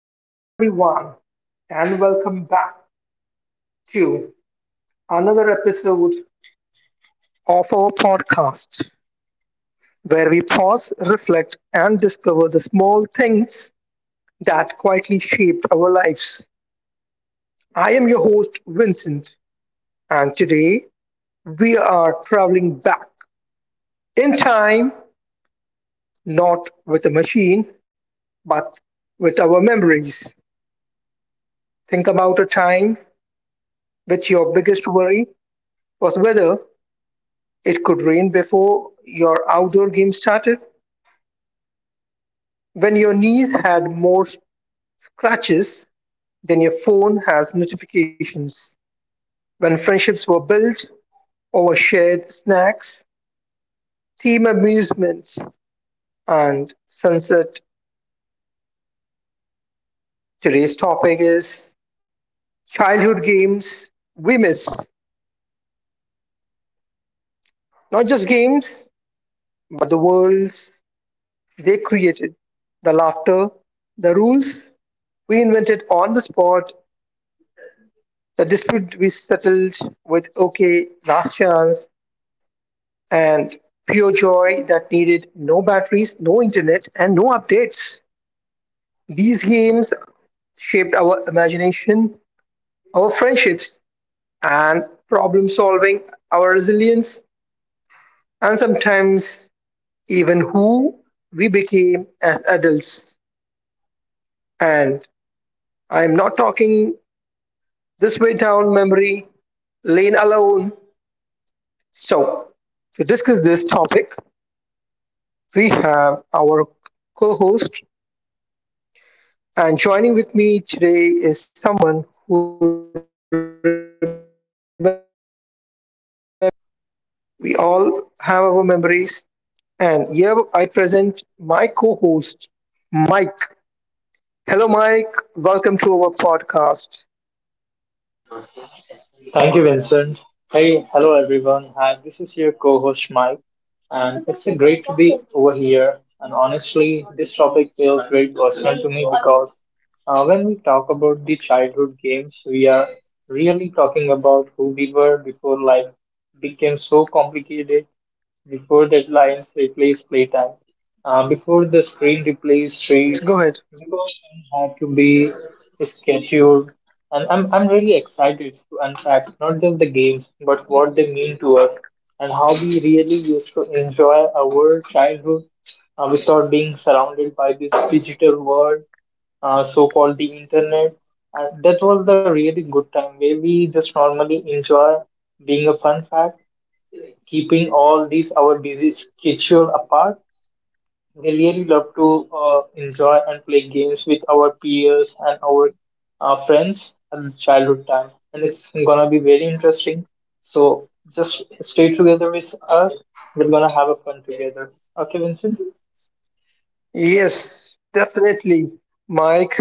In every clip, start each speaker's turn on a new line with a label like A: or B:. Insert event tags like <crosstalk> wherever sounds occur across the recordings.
A: Hello, everyone, and welcome back to another episode of our podcast where we pause, reflect, and discover the small things that quietly shape our lives. I am your host, Vincent, and today we are traveling back in time, not with a machine, but with our memories. Think about a time which your biggest worry was whether it could rain before your outdoor game started, when your knees had more scratches than your phone has notifications. When friendships were built over shared snacks, team amusements, and sunset. Today's topic is childhood games we miss. Not just games, but the worlds they created, the laughter, the rules we invented on the spot, the dispute we settled with okay, last chance, and pure joy that needed no batteries, no internet, and no updates. These games shaped our imagination, our friendships, and problem solving, our resilience, and sometimes even who we became as adults. And I'm not talking this way down memory lane alone. So, to discuss this topic, we have our co host. And joining with me today is someone who remembers these memories just as we all have our memories. And here I present my co host, Mike. Hello, Mike. Welcome to our podcast.
B: Thank you, Vincent. Hey, hello everyone. Hi, this is your co host Mike, and it's a great to be over here. And honestly, this topic feels very personal to me because when we talk about the childhood games, we are really talking about who we were before life became so complicated before
A: Mhm.
B: deadlines replace playtime. Before the screen replace
A: Yes,
B: trees.
A: go ahead.
B: Before things had to be scheduled. And I'm really excited to unpack not just the games, but what they mean to us and how we really used to enjoy our childhood without being surrounded by this digital world, so called the internet. And that was the really good time where we just normally enjoy being a fun fact keeping all these our busy schedule apart. We really love to enjoy and play games with our peers and our friends at the childhood time, and it's gonna be very interesting. So just stay together with us. We're gonna have a fun together. Okay, Vincent.
A: Yes, definitely, Mike.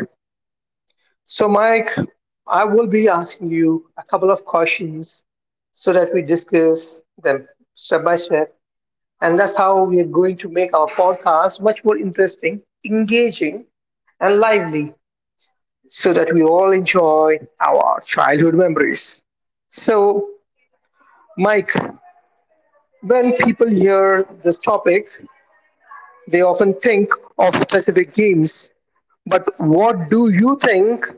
A: So, Mike, I will be asking you a couple of questions so that we discuss them step by step, and that's how we are going to make our podcast much more interesting, engaging, and lively so that we all enjoy our childhood memories. So, Mike, when people hear this topic, they often think of specific games. But what do you think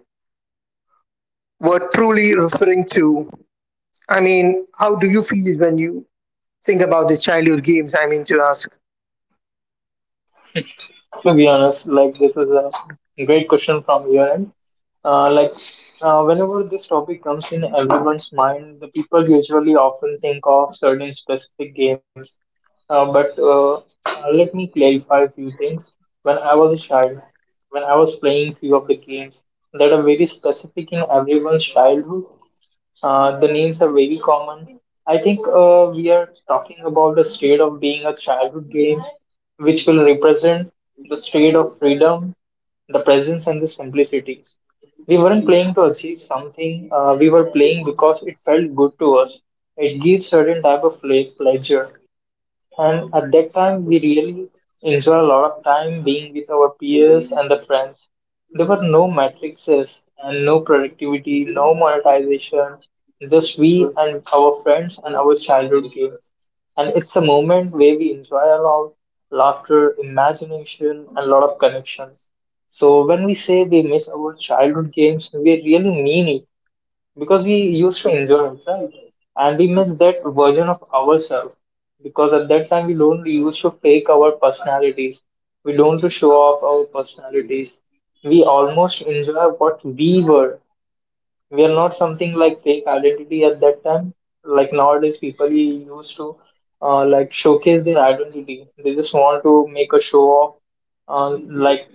A: we're truly referring to? I mean, how do you feel when you think about the childhood games? I mean, to ask.
B: To be honest, like this is a great question from your end. Like whenever this topic comes in everyone's mind, the people usually often think of certain specific games. But let me clarify a few things. When I was a child, when I was playing few of the games that are very specific in everyone's childhood, the names are very common. I think we are talking about the state of being a childhood games, which will represent the state of freedom, the presence, and the simplicity. We weren't playing to achieve something, we were playing because it felt good to us. It gives certain type of play, pleasure. And at that time, we really enjoy a lot of time being with our peers and the friends. There were no matrices and no productivity, no monetization, just we and our friends and our childhood games. And it's a moment where we enjoy a lot, laughter, imagination, and a lot of connections. So when we say we miss our childhood games, we really mean it because we used to enjoy it, right? And we miss that version of ourselves because at that time we don't used to fake our personalities. We don't to show off our personalities. We almost enjoy what we were we are not something like fake identity at that time. Like nowadays, people used to like showcase their identity. They just want to make a show off. Like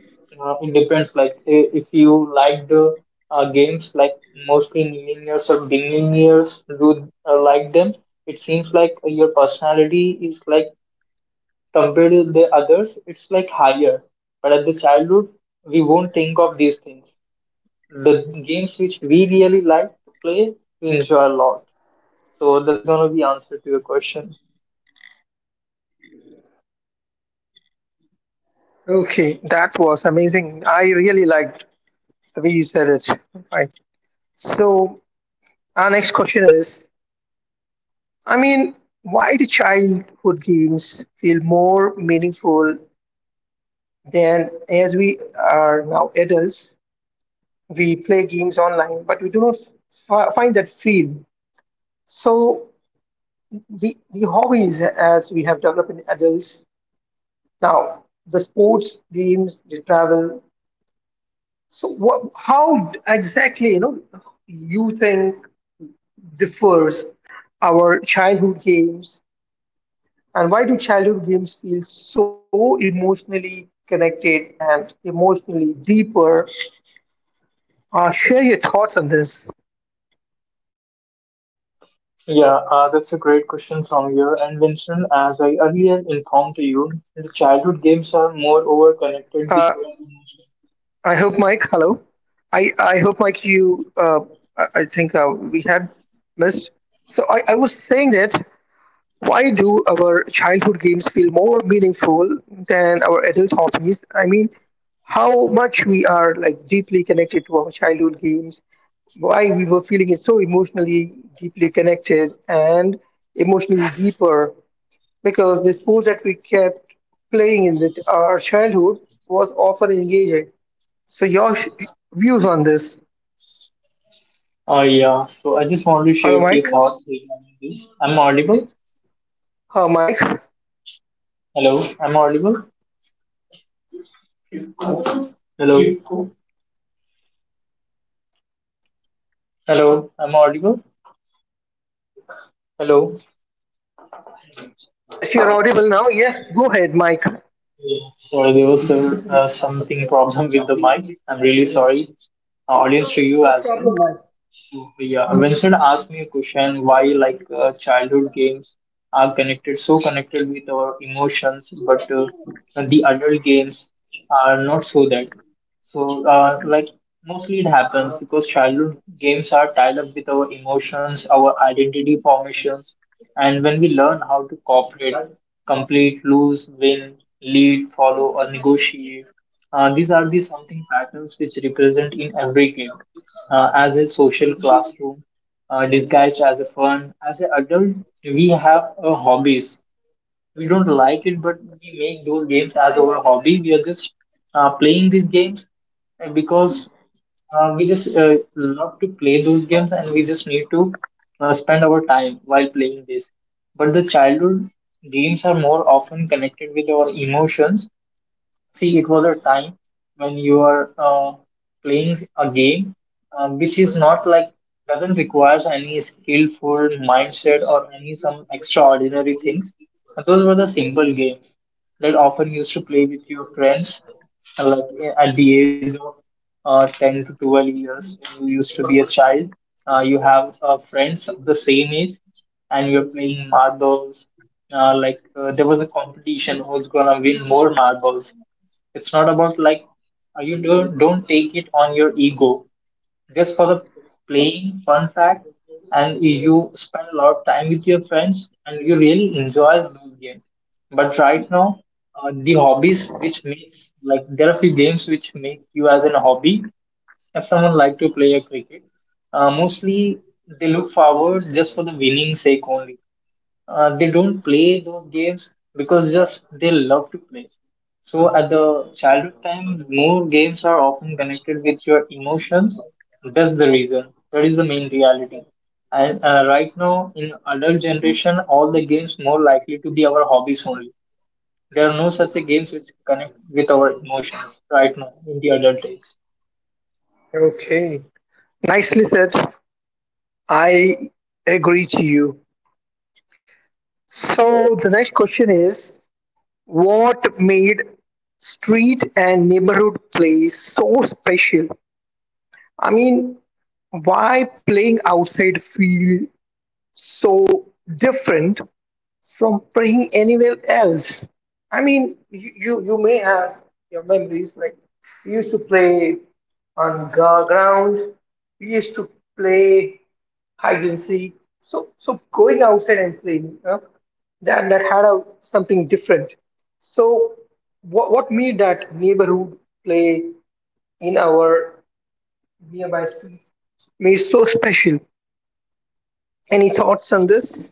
B: it depends. Like if you like the games, like mostly millennials or beginning years do like them. It seems like your personality is like compared to the others, it's like higher. But at the childhood, we won't think of these things the games which we really like to play, we enjoy a lot. So that's gonna be answer to your question.
A: Okay, that was amazing. I really liked we said it. Right. So our next question is, I mean, why do childhood games feel more meaningful than as we are now adults? We play games online, but we do not find that feel. So the hobbies as we have developed in adults now, the sports games, the travel. So what, how exactly, you know, you think differs our childhood games and why do childhood games feel so emotionally connected and emotionally deeper? Share your thoughts on this.
B: Yeah, that's a great question from here. And Vincent, as I earlier informed to you, the
A: uh,
B: childhood games are more over connected
A: I
B: with.
A: hope Mike, hello. I hope Mike, you I think we had missed. So I was saying that why do our childhood games feel more meaningful than our adult hobbies? I mean, how much we are like deeply connected to our childhood games, why we were feeling is so emotionally deeply connected and emotionally deeper, because the sport that we kept playing in our childhood was often engaging. So your views on this?
B: Oh yeah, so I just want to share a
A: Hello,
B: few
A: Mike.
B: thoughts regarding this. I'm audible.
A: Mike.
B: Hello, I'm audible. Hello, hello, I'm audible. Hello.
A: Yes, you're audible now. Yeah, go ahead, Mike.
B: Yeah, sorry, there was a something problem with the mic. I'm really sorry. Audience to you
A: No
B: as well.
A: problem, Mike.
B: So yeah, Vincent asked me a question why like childhood games are connected so connected with our emotions, but the adult games are not so that. So like mostly it happens because childhood games are tied up with our emotions, our identity formations, and when we learn how to cooperate, complete, lose, win, lead, follow, or negotiate. These are the something patterns which represent in every game as a social classroom, disguised as a fun. As an adult, we have hobbies. We don't like it, but we make those games as our hobby. We are just playing these games because we just love to play those games and we just need to spend our time while playing this. But the childhood games are more often connected with our emotions. See, it was a time when you are playing a game which is not like doesn't require any skillful mindset or any some extraordinary things. Those were the simple games that often used to play with your friends like at the age of 10 to 12 years when you used to be a child you have friends of the same age and you're playing marbles like there was a competition who's gonna win more marbles it's not about like you don't take it on your ego just for the playing fun fact, and you spend a lot of time with your friends and you really enjoy those games. But right now, the hobbies which makes like there are few games which make you as an hobby. If someone like to play a cricket, mostly they look forward just for the winning sake only they don't play those games because just they love to play. So at the childhood time, more games are often connected with your emotions. That's the reason. That is the main reality. And right now, in adult generation, all the games more likely to be our hobbies only. There are no such a games which connect with our emotions right now in the adult age.
A: Okay. Nicely said. I agree to you. So the next question is, what made street and neighborhood play so special? I mean, why playing outside feel so different from playing anywhere else? I mean, you may have your memories like we used to play on ground, we used to play agency. So so going outside and playing that that had a, something different. So what made that neighborhood play in our nearby streets made so special? Any thoughts on this?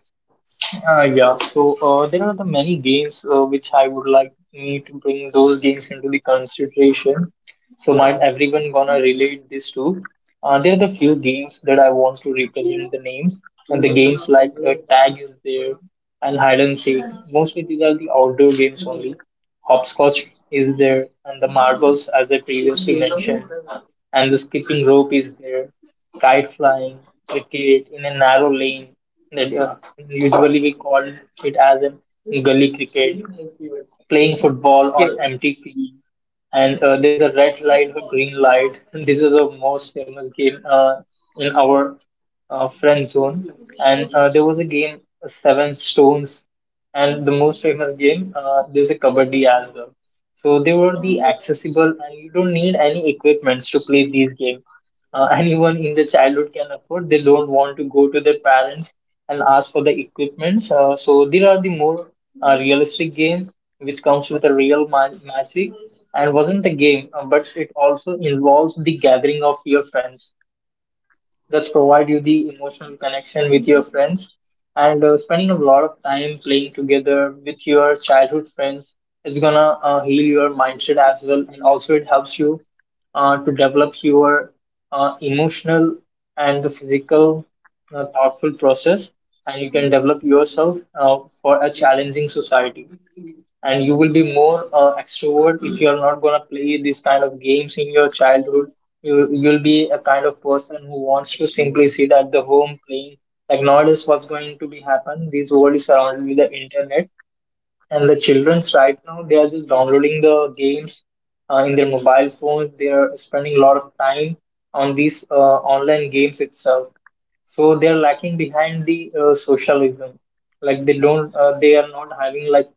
B: Yeah, so there are the many games which I would like me to bring those games into the consideration. So might everyone gonna relate this to? There are the few games that I want to represent the names, and the games like tag is there and hide and seek. Mostly these are the outdoor games only. Hopscotch is there, and the marbles as I previously mentioned, and the skipping rope is there. Kite flying, cricket in a narrow lane, that usually we call it as a gully cricket playing football
A: Yeah,
B: on empty field, and there's a red light, a green light. This is the most famous game in our friend zone. And there was a game, Seven Stones, and the most famous game, there's a Kabaddi as well. So they were the accessible, and you don't need any equipments to play these games. <laughs> Anyone in the childhood can afford. They don't want to go to their parents and ask for the equipments. So these are the more realistic game which comes with a real magic and wasn't a game, but it also involves the gathering of your friends. That's provide you the emotional connection with your friends and spending a lot of time playing together with your childhood friends is gonna heal your mindset as well and also it helps you to develop your emotional and the physical thoughtful process and you can develop yourself for a challenging society and you will be more extrovert if you are not going to play these kind of games in your childhood you'll be a kind of person who wants to simply sit at the home playing like nowadays what's going to be happen this world is surrounded with the internet and the childrens right now, they are just downloading the games in their mobile phones. They are spending a lot of time on these online games itself. So they are lacking behind the socialism. Like they don't, they are not having like,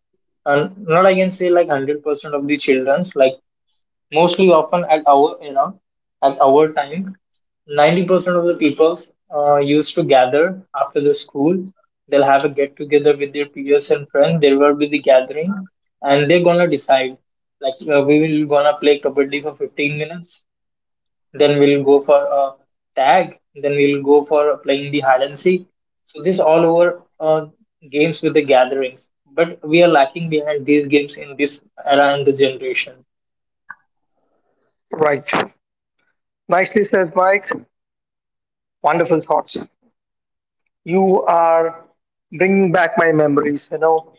B: not I can say like 100% of the childrens. Like mostly often at our era, at our time, 90% of the peoples used to gather after the school. They'll have a get together with their peers and friends. There will be the gathering, and they're gonna decide. Like we will gonna play kabaddi for 15 minutes. Then we'll go for a tag. Then we'll go for playing the hide and seek. So this all over games with the gatherings. But we are lacking behind these games in this era and the generation.
A: right. Nicely said, Mike. Wonderful thoughts. You are bringing back my memories. You know,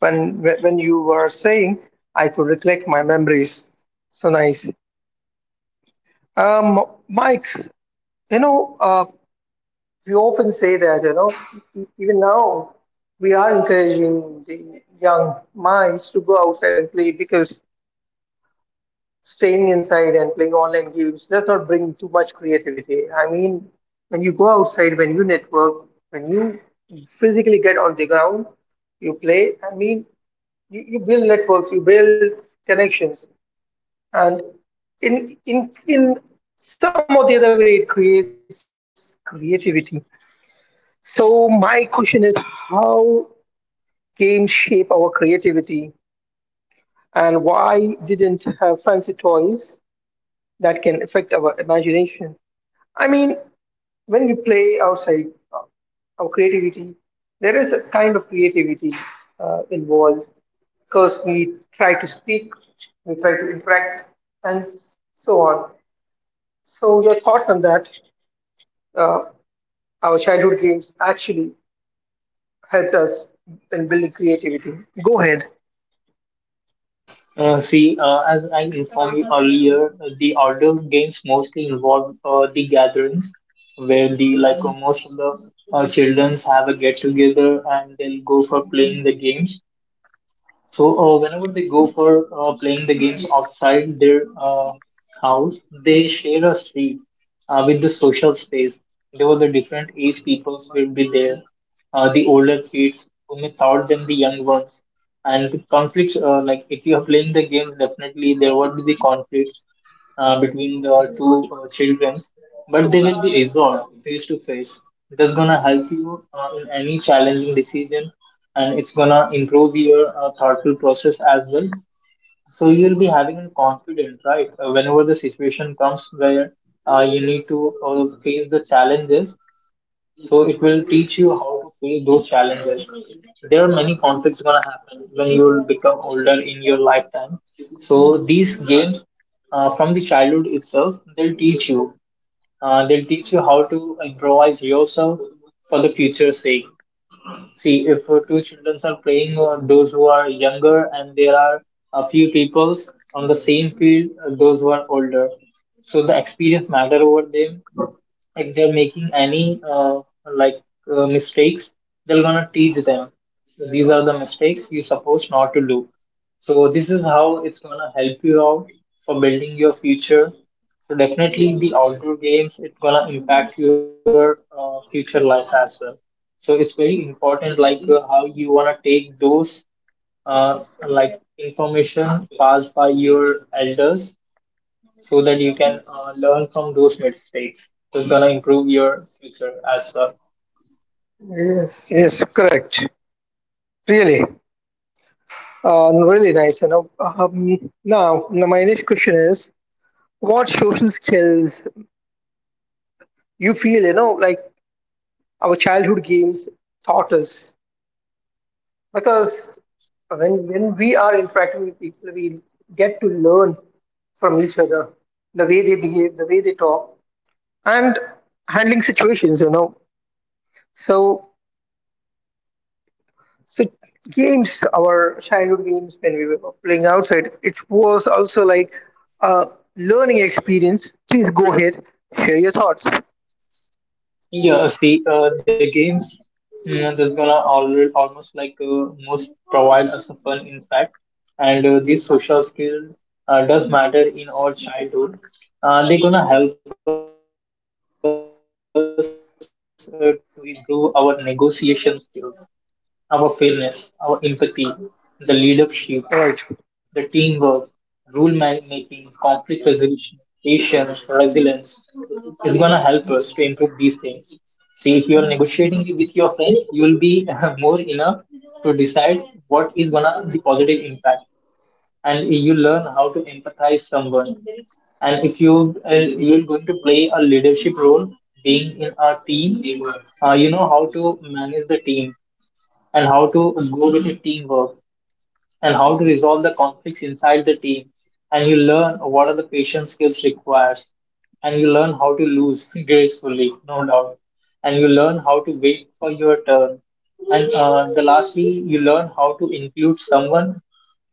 A: when when you were saying, I could recollect my memories. So nice. Mike, you know, we often say that, you know, even now we are encouraging the young minds to go outside and play because staying inside and playing online games does not bring too much creativity. I mean, when you go outside, when you network, when you physically get on the ground, you play, I mean, you build networks, you build connections. And in some or the other way, it creates creativity. So my question is, how games shape our creativity and why didn't have fancy toys that can affect our imagination. I mean, when we play outside uh, our creativity, there is a kind of creativity involved because we try to speak, we try to interact, and so on. So your thoughts on that? Uh, our childhood games actually helped us in building creativity. Go ahead.
B: See, as I informed you earlier, the outdoor games mostly involve the gatherings where the like most of the childrens have a get together and they'll go for playing the games. So whenever they go for playing the games outside their house, they share a seat with the social space. There were the different age peoples will be there, the older kids who may thought them the young ones. And the conflicts, like if you are playing the game, definitely there would be the conflicts between the two children, but they will be resolved face to face. It is gonna help you in any challenging decision, and it's gonna improve your thoughtful process as well. So you'll be having a confidence, right? Whenever the situation comes where you need to face the challenges, so it will teach you how to face those challenges. There are many conflicts gonna happen when you'll become older in your lifetime. So these games from the childhood itself, they'll teach you. They'll teach you how to improvise yourself for the future's sake. See, if two children are playing, those who are younger, and there are a few people on the same field, those who are older. So the experience matter over them, if they're making any like mistakes, they're gonna teach them, so these are the mistakes you're supposed not to do. So this is how it's gonna help you out for building your future. So definitely the outdoor games, it's gonna impact your future life as well. So it's very important, like how you wanna take those uh, like information passed by your elders, so that you can learn from those mistakes. It's gonna improve your future as well.
A: Yes, yes, correct. Really, no, really nice. You know, now, now my next question is: what social skills you feel? You know, like our childhood games taught us because when we are interacting with people, we get to learn from each other the way they behave, the way they talk, and handling situations. You know, so so games, our childhood games when we were playing outside, it was also like a learning experience. Please go ahead, share your thoughts.
B: Yeah, see, the games that's gonna almost like most provide us a fun insight, and these social skill does matter in our childhood. They're gonna help us to improve our negotiation skills, our fairness, our empathy, the leadership, the teamwork, rule making,
A: Right,
B: conflict resolution, patience, resilience is going to help us to improve these things. See, if you are negotiating with your friends, you will be <laughs> more enough to decide what is gonna the positive impact, and you learn how to empathize someone. And if you you're going to play a leadership role being in a team, you know how to manage the team and how to go with the teamwork and how to resolve the conflicts inside the team, and you learn what are the patient skills requires, and you learn how to lose <laughs> gracefully no doubt, and you learn how to wait for your turn, and the lastly you learn how to include someone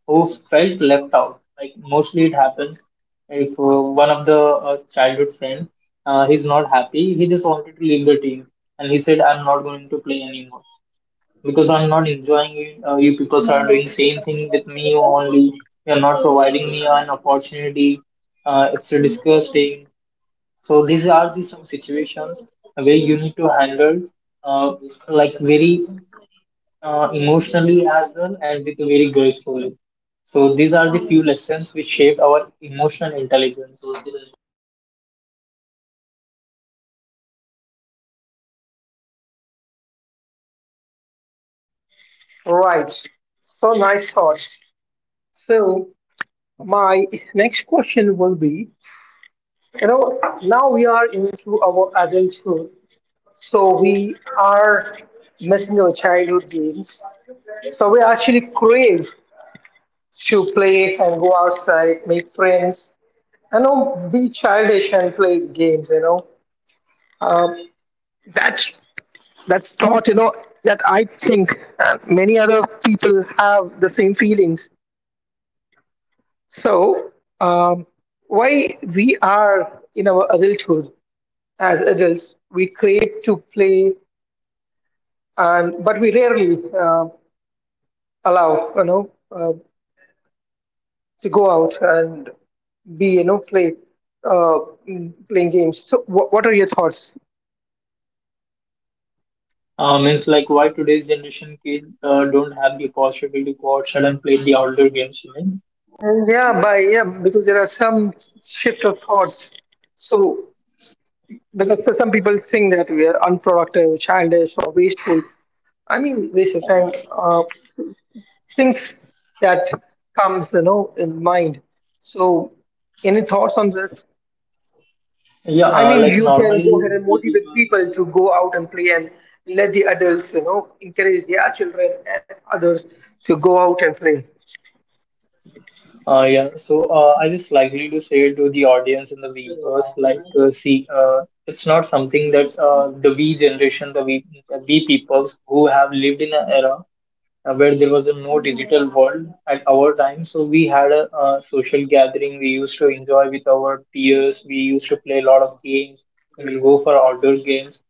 B: who felt left out. Like mostly it happens if one of the childhood friend, he's not happy, he just wanted to leave the team, and he said, "I'm not going to play anymore because I'm not enjoying it. You people are doing same thing with me only. You're not providing me an opportunity. It's disgusting." So these are the some situations where you need to handle uh, like very emotionally as well, and with very gracefully. So these are the few lessons which shaped our emotional intelligence.
A: right. So nice thoughts. So my next question will be, you know, now we are into our adulthood, so we are missing our childhood games. So we actually crave to play and go outside, make friends, you know, be childish and play games, you know. That's that's thought, you know, that I think many other people have the same feelings. So um, why we are in our adulthood, as adults, we crave to play, and but we rarely allow, you know, to go out and be, you know, play uh, playing games. So what are your thoughts?
B: Means like why today's generation kids don't have the possibility to go outside and play the outdoor games. You mean?
A: And yeah, by yeah, because there are some shift of thoughts. So because some people think that we are unproductive, childish, or wasteful. I mean, waste of time. Things that comes, you know, in mind. So, any thoughts on this?
B: Yeah,
A: I mean,
B: like
A: you can
B: normally
A: go ahead and
B: we
A: motivate
B: people
A: people to go out and play and let the adults, you know, encourage their children and others to go out and play.
B: yeah, so I just likely to say to the audience and the viewers, like, see, it's not something that the we generation, the we peoples who have lived in an era where there was a no digital world at our time. So we had a, social gathering. We used to enjoy with our peers. We used to play a lot of games. We'll go for outdoor games.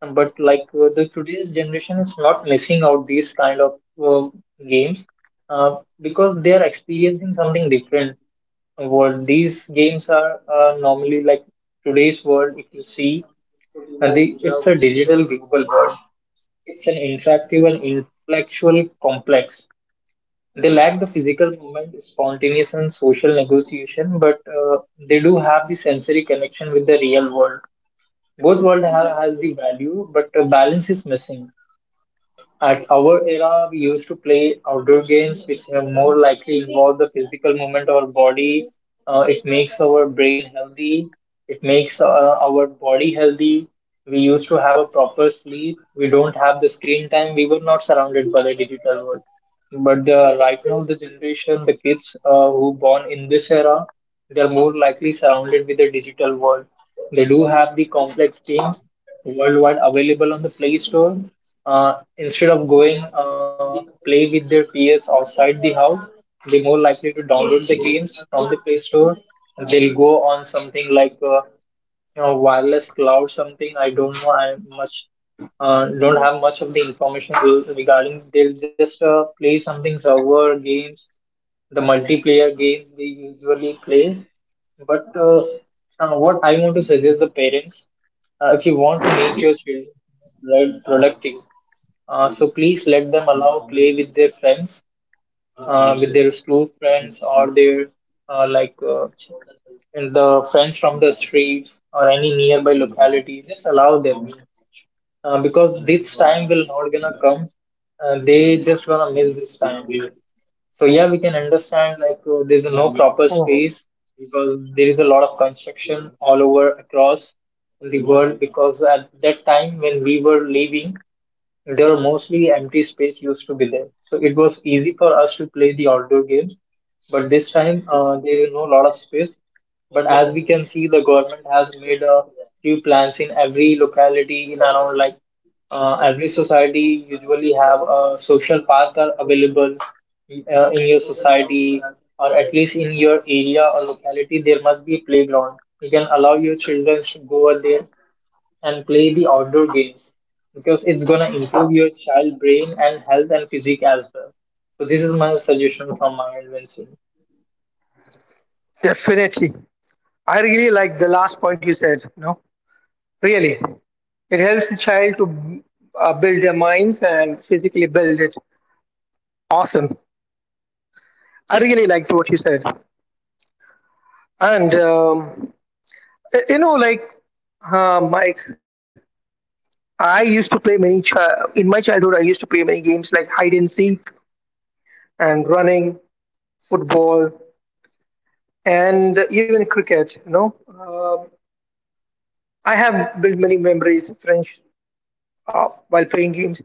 B: But like the today's generation is not missing out these kind of uh, games because they are experiencing something different world. These games are normally like today's world. If you see, it's a digital global world. It's an interactive and intellectual complex. They lack the physical movement, spontaneous and social negotiation, but they do have the sensory connection with the real world. Both world have, has the value, but a balance is missing. At our era, we used to play outdoor games which have more likely involve the physical movement of our body. It makes our brain healthy. It makes our body healthy. We used to have a proper sleep. We don't have the screen time. We were not surrounded by the digital world. But right now, the generation, the kids who born in this era, they're more likely surrounded with the digital world. They do have the complex games worldwide available on the Play Store, instead of going play with their peers outside the house, they're more likely to download the games from the Play Store. They'll go on something like you know wireless cloud something. I don't know. I much don't have much of the information regarding. They'll just play something server games, the multiplayer games they usually play. But what I want to suggest the parents, if you want to make your children right productive, so please let them allow play with their friends, with their school friends or their uh, like uh, and the friends from the streets or any nearby locality. Just allow them, because this time will not gonna come. They just gonna miss this time. So yeah, we can understand like there's no proper
A: Oh,
B: space because there is a lot of construction all over across in the world, because at that time when we were leaving there were mostly empty space used to be there. So it was easy for us to play the outdoor games. But this time, there is no lot of space. But as we can see, the government has made a few plans in every locality in around, like every society usually have a social park are available in your society, or at least in your area or locality there must be a playground. You can allow your children to go over there and play the outdoor games, because it's gonna improve your child brain and health and physique as well. So this is my suggestion from my end, Vincent.
A: definitely. I really like the last point you said. No. Really, it helps the child to build their minds and physically build it. Awesome. I really liked what you said. And, you know, like, Mike, I used to play many, in my childhood, I used to play many games like hide and seek and running, football, and even cricket, you know. I have built many memories, friends, while playing games.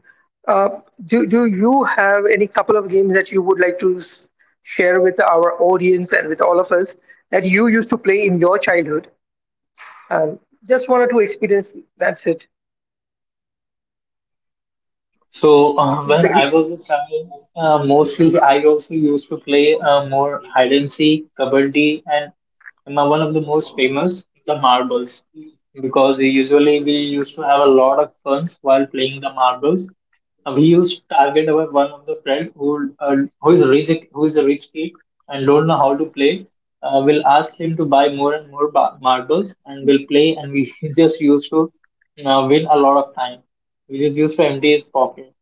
A: Uh, do you have any couple of games that you would like to share with our audience and with all of us that you used to play in your childhood? Um, just one or two experience. That's it.
B: So <laughs> when
A: The g-
B: I was a child, mostly I also used to play more hide and seek, kabaddi, and my, one of the most famous the marbles, because usually we used to have a lot of funs while playing the marbles. We used to target our one of the friend who who is a rich kid and don't know how to play. We'll ask him to buy more and more marbles, and we'll play, and we <laughs> just used to win a lot of time which is used to empty his pocket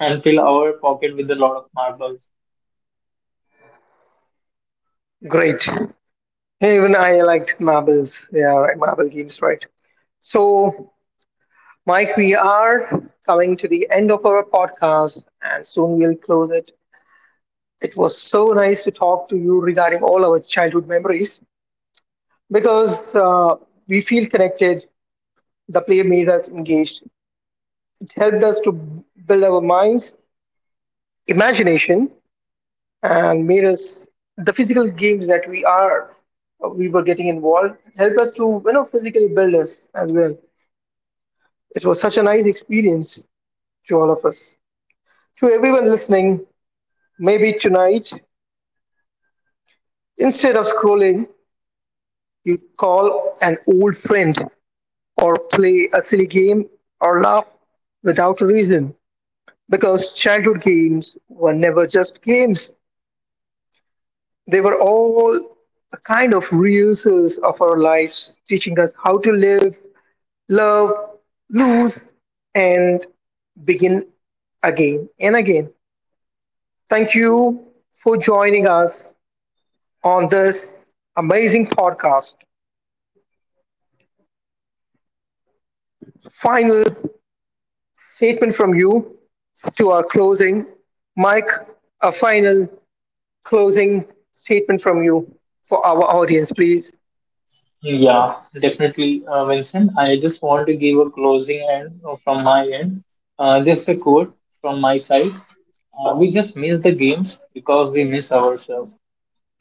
B: and fill our pocket with a lot of marbles.
A: Great. Even I liked marbles. Yeah, right, marble games, right? So, Mike, we are coming to the end of our podcast, and soon we'll close it. It was so nice to talk to you regarding all our childhood memories, because we feel connected. The play made us engaged. It helped us to build our minds, imagination, and made us the physical games that we are. We were getting involved. Helped us to, you know, physically build us as well. It was such a nice experience to all of us. To everyone listening, maybe tonight instead of scrolling, you call an old friend or play a silly game or laugh without a reason, because childhood games were never just games. They were all a kind of rehearsals of our lives, teaching us how to live, love, lose, and begin again and again. Thank you for joining us on this amazing podcast. Final statement from you to our closing. Mike, a final closing statement from you for our audience, please.
B: Yeah, definitely, Vincent. I just want to give a closing end from my end. Just a quote from my side. We just miss the games because we miss ourselves.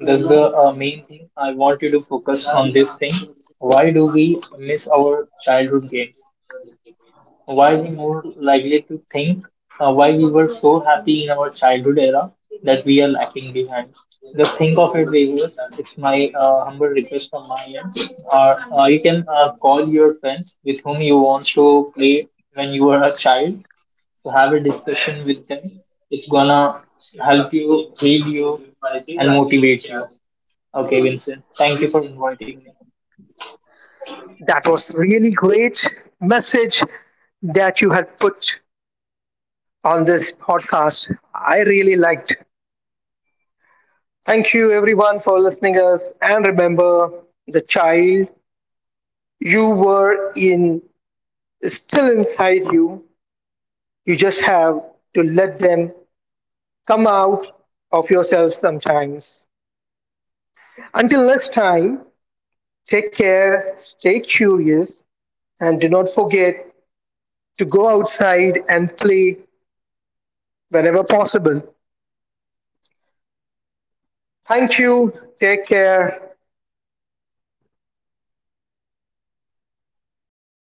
B: That's the main thing. I want you to focus on this thing. Why do we miss our childhood games? Why we more likely to think? Why we were so happy in our childhood era that we are lacking behind? Just think of it, viewers. It's my humble request from my end. Or you can call your friends with whom you want to play when you were a child. So have a discussion with them. It's gonna help you, heal you, and motivate you. Okay, Vincent. Thank you for inviting me.
A: That was really great message that you had put on this podcast. I really liked. Thank you everyone for listening us and remember the child you were in is still inside you. You just have to let them come out of yourself sometimes. Until next time, take care, stay curious, and do not forget to go outside and play whenever possible. Thank you. Take care.